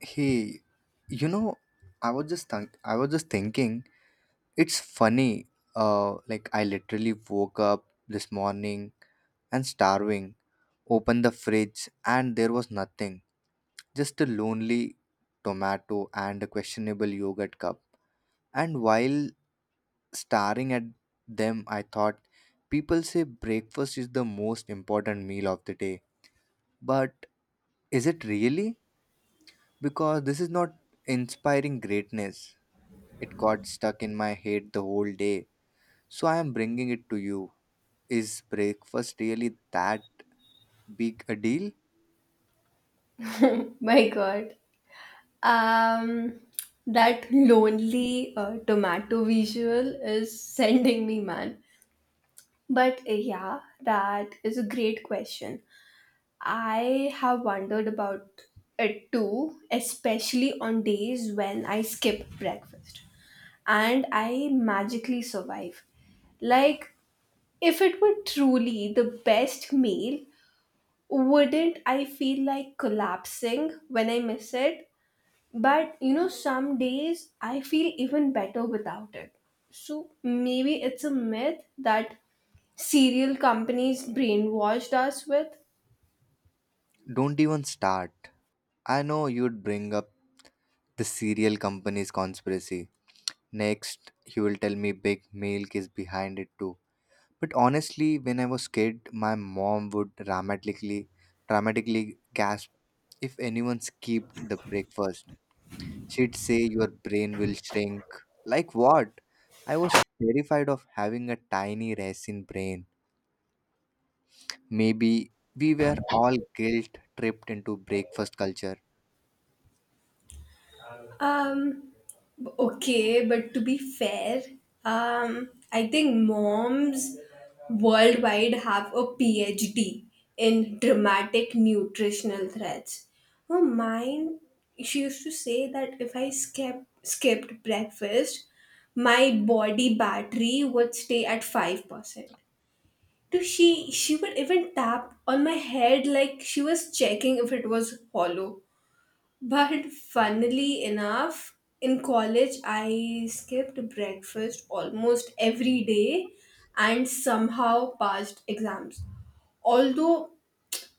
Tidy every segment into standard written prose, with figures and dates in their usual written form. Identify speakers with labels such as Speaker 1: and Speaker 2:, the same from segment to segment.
Speaker 1: Hey, you know, I was just thinking, it's funny. Like I literally woke up this morning and starving, opened the fridge and there was nothing. Just a lonely tomato and a questionable yogurt cup. And while staring at them, I thought people say breakfast is the most important meal of the day. But is it really? Because this is not inspiring greatness. It got stuck in my head the whole day, so I am bringing it to you. Is breakfast really that big a deal?
Speaker 2: My God. Um, that lonely tomato visual is sending me, man. But yeah, that is a great question. I have wondered about it too, especially on days when I skip breakfast and I magically survive. Like, if it were truly the best meal, wouldn't I feel like collapsing when I miss it? But you know, some days I feel even better without it. So maybe it's a myth that cereal companies brainwashed us with.
Speaker 1: Don't even start. I know you'd bring up the cereal company's conspiracy. Next, you will tell me big milk is behind it too. But honestly, when I was kid, my mom would dramatically gasp if anyone skipped the breakfast. She'd say your brain will shrink. Like what? I was terrified of having a tiny racing brain. Maybe we were all guilt tripped into breakfast culture.
Speaker 2: Um, Okay, but to be fair, I think moms worldwide have a PhD in dramatic nutritional threats. Her mind, she used to say that if skipped breakfast, my body battery would stay at 5%. Dude, she would even tap on my head like she was checking if it was hollow. But funnily enough, in college, I skipped breakfast almost every day and somehow passed exams. Although,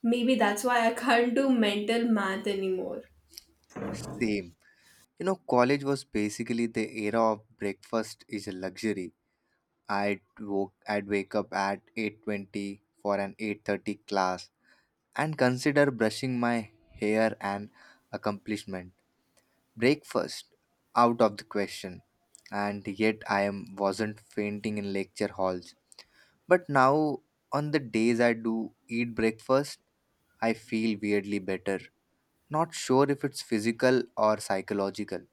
Speaker 2: maybe that's why I can't do mental math anymore.
Speaker 1: Same. You know, college was basically the era of breakfast is a luxury. I'd wake up at 8:20 for an 8:30 class and consider brushing my hair an accomplishment. Breakfast out of the question, and yet I am wasn't fainting in lecture halls. But now on the days I do eat breakfast, I feel weirdly better. Not sure if it's physical or psychological.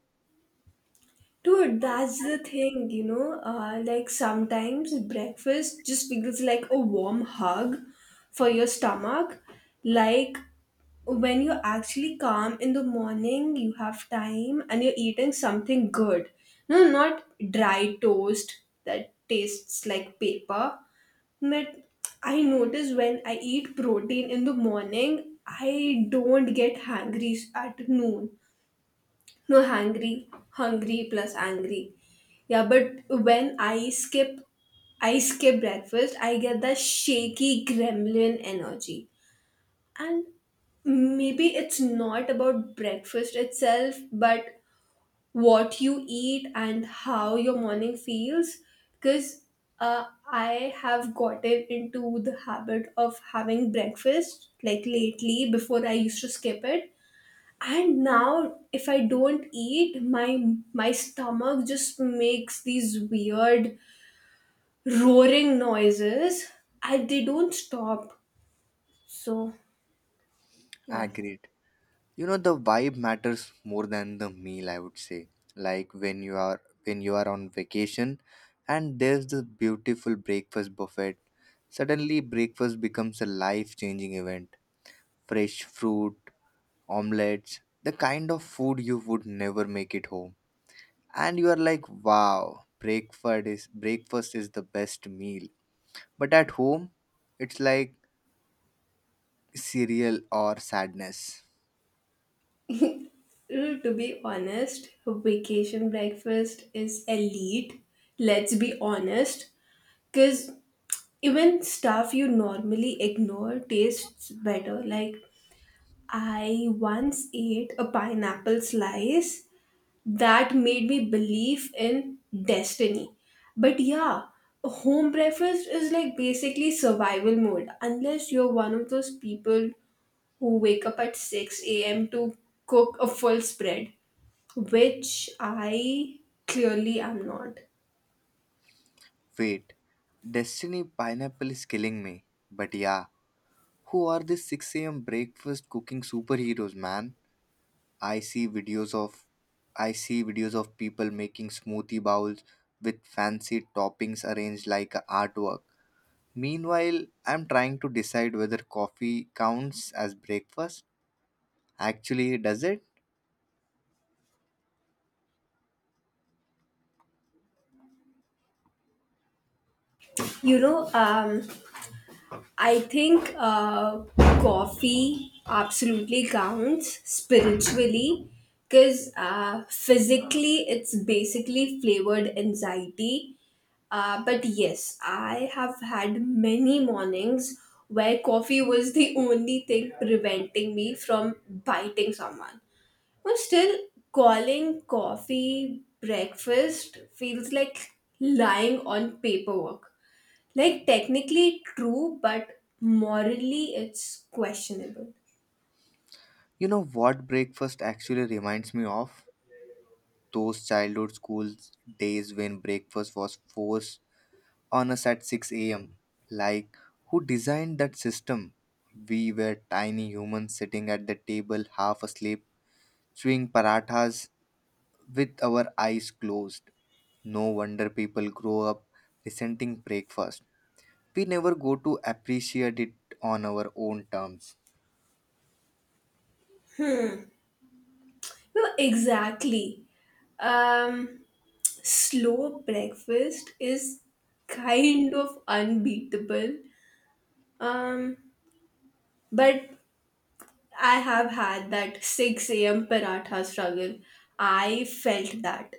Speaker 2: Dude, that's the thing, you know. Like sometimes breakfast just feels like a warm hug for your stomach. Like when you're actually calm in the morning, you have time and you're eating something good. No, not dry toast that tastes like paper. But I notice when I eat protein in the morning, I don't get hungry at noon. No, hungry, hungry plus angry. Yeah, but I skip breakfast, I get that shaky gremlin energy. And maybe it's not about breakfast itself, but what you eat and how your morning feels. Because uh, I have gotten into the habit of having breakfast like lately before I used to skip it, and now if I don't eat, my stomach just makes these weird roaring noises and they don't stop, so yeah.
Speaker 1: Agreed. You know, the vibe matters more than the meal, I would say. Like when you are on vacation and there's this beautiful breakfast buffet, suddenly breakfast becomes a life changing event. Fresh fruit, omelets, the kind of food you would never make it home. And you are like, wow, breakfast is the best meal. But at home, it's like cereal or sadness.
Speaker 2: To be honest, vacation breakfast is elite, let's be honest, because even stuff you normally ignore tastes better. Like, I once ate a pineapple slice that made me believe in destiny. But yeah, home breakfast is like basically survival mode unless you're one of those people who wake up at 6 a.m. to cook a full spread, which I clearly am not.
Speaker 1: Wait, Destiny Pineapple is killing me. But yeah, who are these 6 a.m. breakfast cooking superheroes, man? I see videos of I see videos of people making smoothie bowls with fancy toppings arranged like a artwork. Meanwhile, I'm trying to decide whether coffee counts as breakfast. Actually, does it?
Speaker 2: You know, I think coffee absolutely counts spiritually because physically it's basically flavored anxiety. But yes, I have had many mornings where coffee was the only thing preventing me from biting someone. But still, calling coffee breakfast feels like lying on paperwork. Like, technically true, but morally it's questionable.
Speaker 1: You know what breakfast actually reminds me of? Those childhood school days when breakfast was forced on us at 6 a.m. Like, who designed that system? We were tiny humans sitting at the table half asleep, chewing parathas with our eyes closed. No wonder people grow up resenting breakfast. We never go to appreciate it on our own terms.
Speaker 2: No, exactly. Um, Slow breakfast is kind of unbeatable. Um, But I have had that 6 a.m. paratha struggle. I felt that.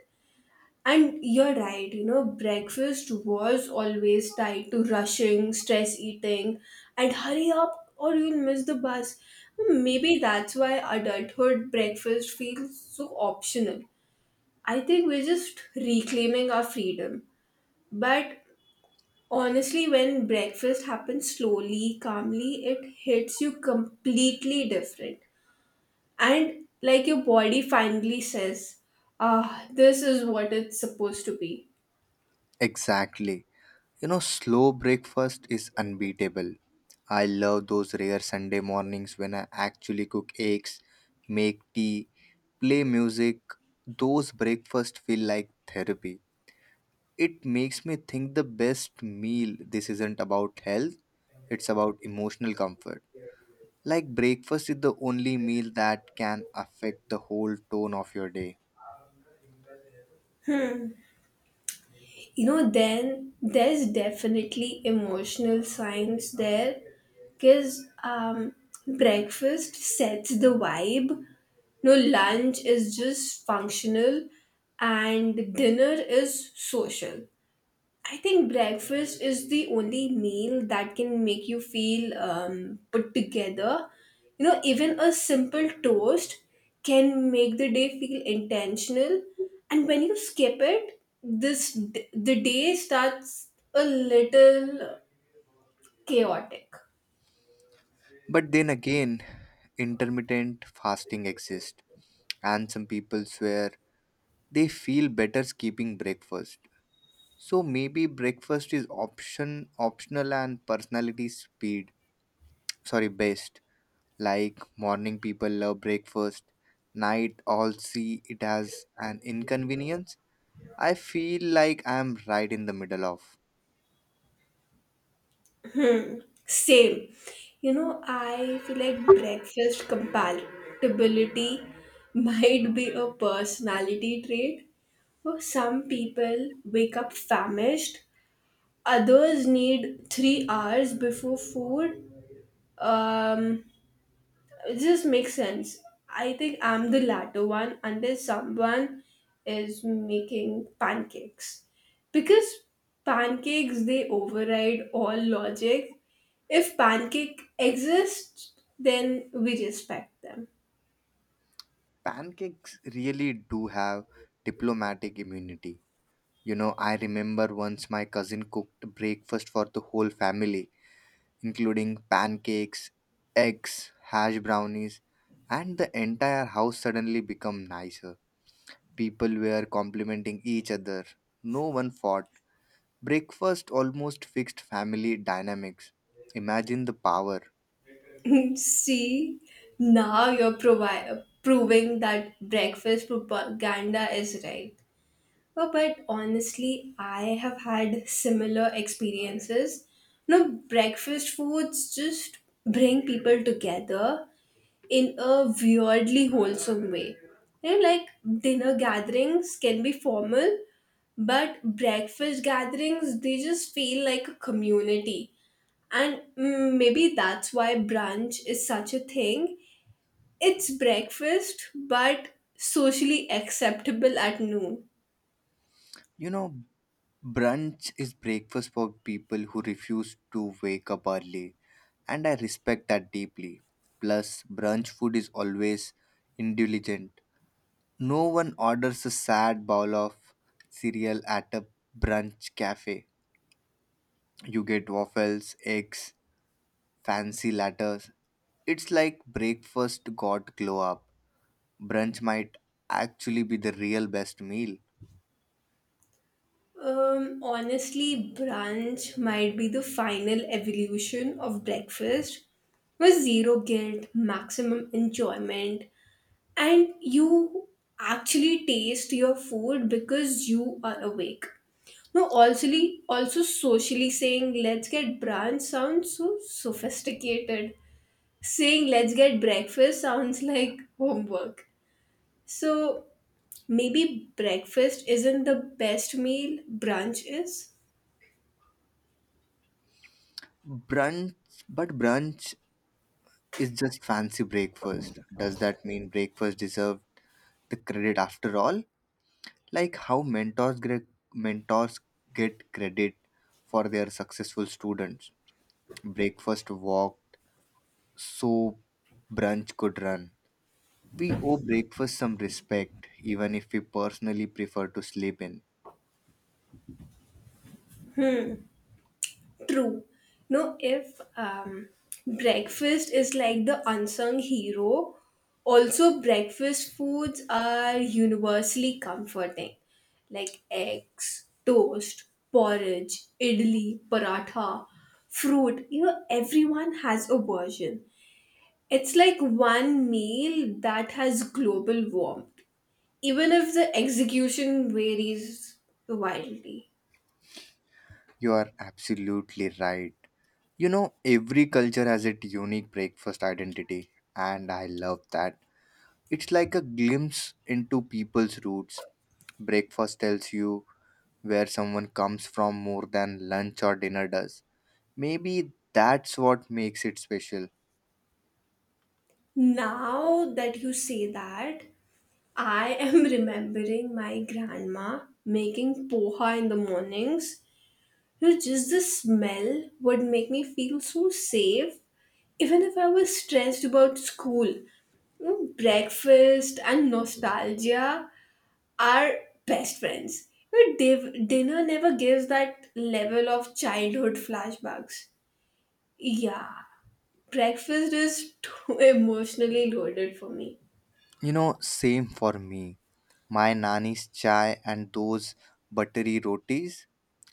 Speaker 2: And you're right, you know, breakfast was always tied to rushing, stress eating, and hurry up or you'll miss the bus. Maybe that's why adulthood breakfast feels so optional. I think we're just reclaiming our freedom. But honestly, when breakfast happens slowly, calmly, it hits you completely different, and like your body finally says, ah, this is what it's supposed to be.
Speaker 1: Exactly. You know, slow breakfast is unbeatable. I love those rare Sunday mornings when I actually cook eggs, make tea, play music. Those breakfasts feel like therapy. It makes me think the best meal this isn't about health, it's about emotional comfort. Like breakfast is the only meal that can affect the whole tone of your day.
Speaker 2: Hmm. You know, then there's definitely emotional signs there because breakfast sets the vibe. No, lunch is just functional and dinner is social. I think breakfast is the only meal that can make you feel put together. You know, even a simple toast can make the day feel intentional. And when you skip it, the day starts a little chaotic.
Speaker 1: But then again, intermittent fasting exists, and some people swear they feel better skipping breakfast. So maybe breakfast is optional and personality speed sorry based. Like morning people love breakfast, night all see it as an inconvenience. I feel like I'm right in the middle of.
Speaker 2: Same. You know, I feel like breakfast compatibility might be a personality trait. For some people wake up famished, others need 3 hours before food. Um, it just makes sense. I think I'm the latter one unless someone is making pancakes. Because pancakes, they override all logic. If pancake exists, then we respect them.
Speaker 1: Pancakes really do have diplomatic immunity. You know, I remember once my cousin cooked breakfast for the whole family, including pancakes, eggs, hash brownies, and the entire house suddenly became nicer. People were complimenting each other. No one fought. Breakfast almost fixed family dynamics. Imagine the power.
Speaker 2: See, Now you're proving that breakfast propaganda is right. Oh, but honestly, I have had similar experiences. No, breakfast foods just bring people together in a weirdly wholesome way. You know, like dinner gatherings can be formal, but breakfast gatherings, they just feel like a community. And mm, maybe that's why brunch is such a thing. It's breakfast, but socially acceptable at noon.
Speaker 1: You know, brunch is breakfast for people who refuse to wake up early, and I respect that deeply. Plus, brunch food is always indulgent. No one orders a sad bowl of cereal at a brunch cafe. You get waffles, eggs, fancy lattes. It's like breakfast got glow up. Brunch might actually be the real best meal.
Speaker 2: Honestly, brunch might be the final evolution of breakfast with zero guilt, maximum enjoyment, and you actually taste your food because you are awake. No, also socially saying let's get brunch sounds so sophisticated. Saying let's get breakfast sounds like homework. So maybe breakfast isn't the best meal, brunch is.
Speaker 1: Brunch, but brunch it's just fancy breakfast. Does that mean breakfast deserved the credit after all? Like how mentors get credit for their successful students. Breakfast walked so brunch could run. We owe breakfast some respect, even if we personally prefer to sleep in.
Speaker 2: True. No, if breakfast is like the unsung hero, also breakfast foods are universally comforting, like eggs, toast, porridge, idli, paratha, fruit. You know, everyone has a version. It's like one meal that has global warmth, even if the execution varies wildly.
Speaker 1: You are absolutely right. You know, every culture has its unique breakfast identity, and I love that. It's like a glimpse into people's roots. Breakfast tells you where someone comes from more than lunch or dinner does. Maybe that's what makes it special.
Speaker 2: Now that you say that, I am remembering my grandma making poha in the mornings. You know, just the smell would make me feel so safe, even if I was stressed about school. You know, breakfast and nostalgia are best friends. You know, dinner never gives that level of childhood flashbacks. Yeah, breakfast is too emotionally loaded for me.
Speaker 1: You know, same for me. My nanny's chai and those buttery rotis,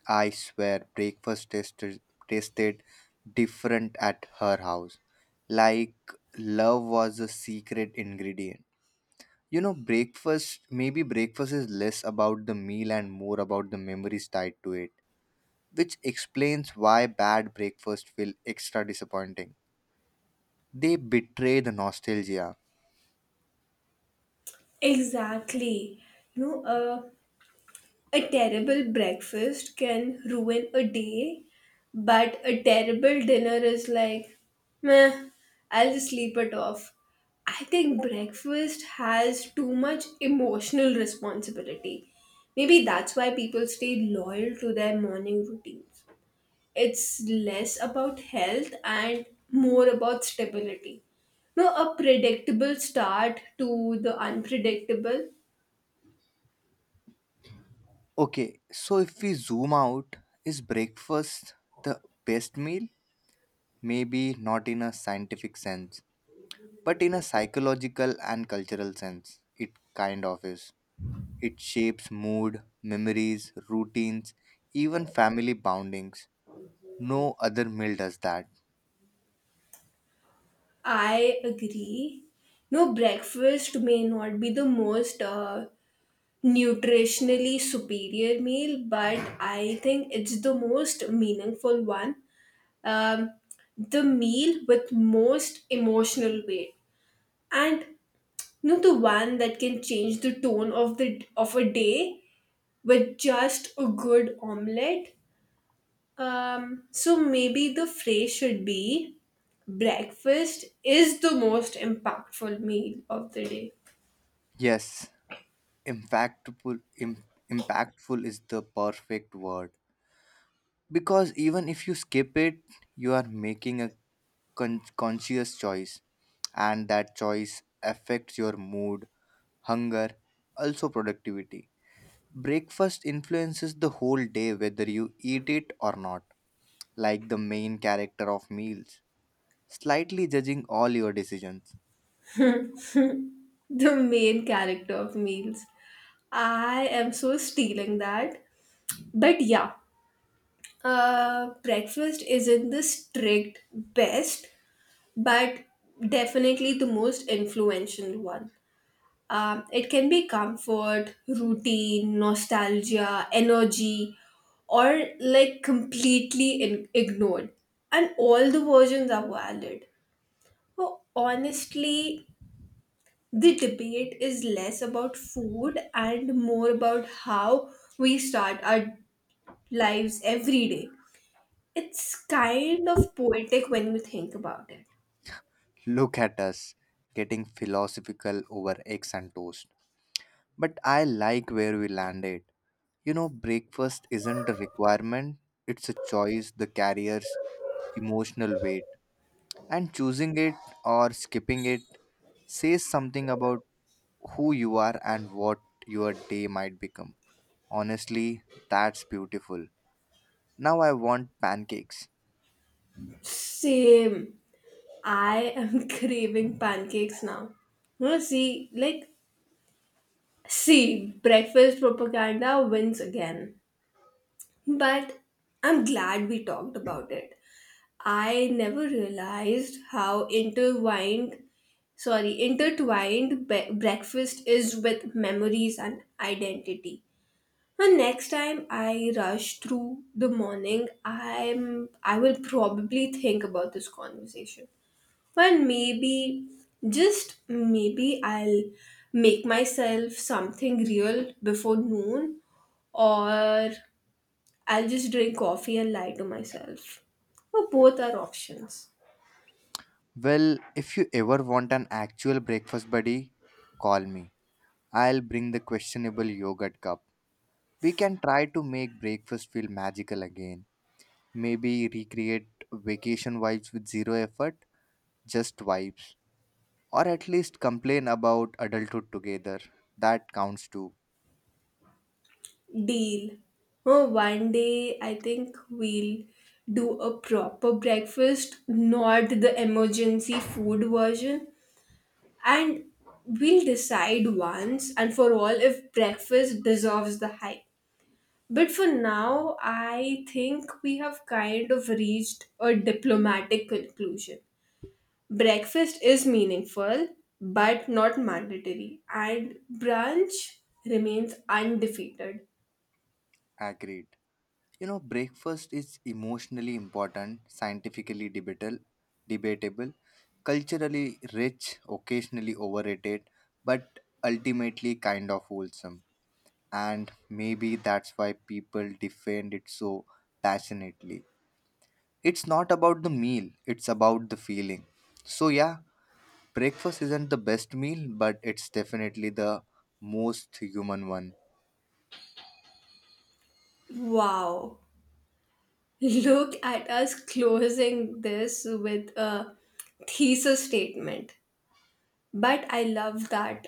Speaker 1: I swear, breakfast tasted different at her house. Like, love was a secret ingredient. You know, maybe breakfast is less about the meal and more about the memories tied to it, which explains why bad breakfast feel extra disappointing. They betray the nostalgia.
Speaker 2: Exactly. You know, a terrible breakfast can ruin a day, but a terrible dinner is like, meh, I'll just sleep it off. I think breakfast has too much emotional responsibility. Maybe that's why people stay loyal to their morning routines. It's less about health and more about stability. No, a predictable start to the unpredictable.
Speaker 1: Okay, so if we zoom out, is breakfast the best meal? Maybe not in a scientific sense, but in a psychological and cultural sense. It kind of is. It shapes mood, memories, routines, even family boundings. No other meal does that.
Speaker 2: I agree. No, breakfast may not be the most nutritionally superior meal, but I think it's the most meaningful one. Um, the meal with most emotional weight, and you know, the one that can change the tone of the of a day with just a good omelette. So maybe the phrase should be breakfast is the most impactful meal of the day.
Speaker 1: Yes, impactful, impactful is the perfect word. Because even if you skip it, you are making a conscious choice, and that choice affects your mood, hunger, also productivity. Breakfast influences the whole day whether you eat it or not, like the main character of meals, slightly judging all your decisions.
Speaker 2: The main character of meals. I am so stealing that. But yeah, breakfast isn't the strict best, but definitely the most influential one. It can be comfort, routine, nostalgia, energy, or like completely ignored. And all the versions are valid. Well, honestly, the debate is less about food and more about how we start our lives every day. It's kind of poetic when you think about it.
Speaker 1: Look at us getting philosophical over eggs and toast. But I like where we landed. You know, breakfast isn't a requirement, it's a choice that carries emotional weight. And choosing it or skipping it says something about who you are and what your day might become. Honestly, that's beautiful. Now I want pancakes.
Speaker 2: Same. I am craving pancakes now. No, see, breakfast propaganda wins again. But I'm glad we talked about it. I never realized how intertwined breakfast is with memories and identity. And next time I rush through the morning, I will probably think about this conversation. And maybe just maybe I'll make myself something real before noon, or I'll just drink coffee and lie to myself. Or both are options.
Speaker 1: Well, if you ever want an actual breakfast buddy, call me. I'll bring the questionable yogurt cup. We can try to make breakfast feel magical again. Maybe recreate vacation vibes with zero effort, just vibes. Or at least complain about adulthood together. That counts too.
Speaker 2: Deal. Oh, one day I think we'll do a proper breakfast, not the emergency food version. And we'll decide once and for all if breakfast deserves the hype. But for now, I think we have kind of reached a diplomatic conclusion. Breakfast is meaningful but not mandatory, and brunch remains undefeated.
Speaker 1: Agreed. You know, breakfast is emotionally important, scientifically debatable, culturally rich, occasionally overrated, but ultimately kind of wholesome. And maybe that's why people defend it so passionately. It's not about the meal, it's about the feeling. So, yeah, breakfast isn't the best meal, but it's definitely the most human one.
Speaker 2: Wow. Look at us closing this with a thesis statement. But I love that,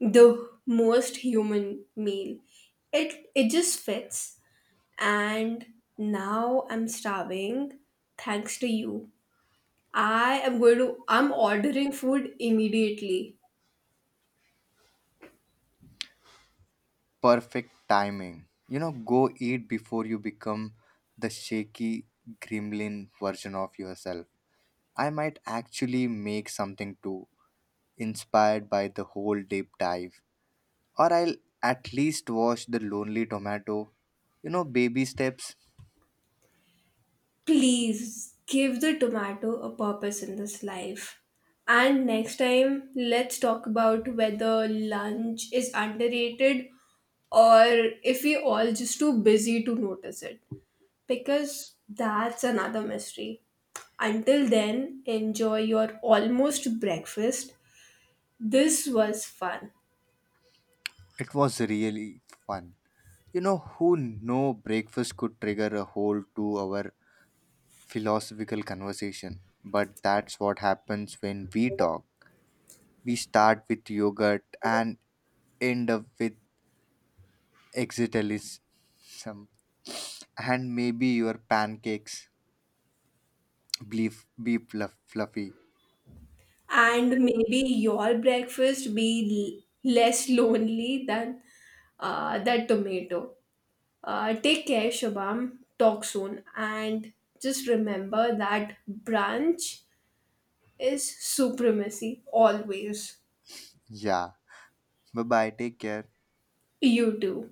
Speaker 2: the most human meal. It just fits. And now I'm starving thanks to you. I am going to I'm ordering food immediately.
Speaker 1: Perfect timing. You know, go eat before you become the shaky gremlin version of yourself. I might actually make something too, inspired by the whole deep dive. Or I'll at least watch The Lonely Tomato. You know, baby steps.
Speaker 2: Please give the tomato a purpose in this life. And next time, let's talk about whether lunch is underrated or if we all just too busy to notice it. Because that's another mystery. Until then, enjoy your almost breakfast. This was fun.
Speaker 1: It was really fun. You know, who know breakfast could trigger a whole 2 hour philosophical conversation. But that's what happens when we talk. We start with yogurt and end up with existentialism and maybe your pancakes. Beef, be fluff, fluffy.
Speaker 2: And maybe your breakfast be less lonely than that tomato. Take care, Shabam. Talk soon. And just remember that branch is supremacy always.
Speaker 1: Yeah. Bye bye. Take care.
Speaker 2: You too.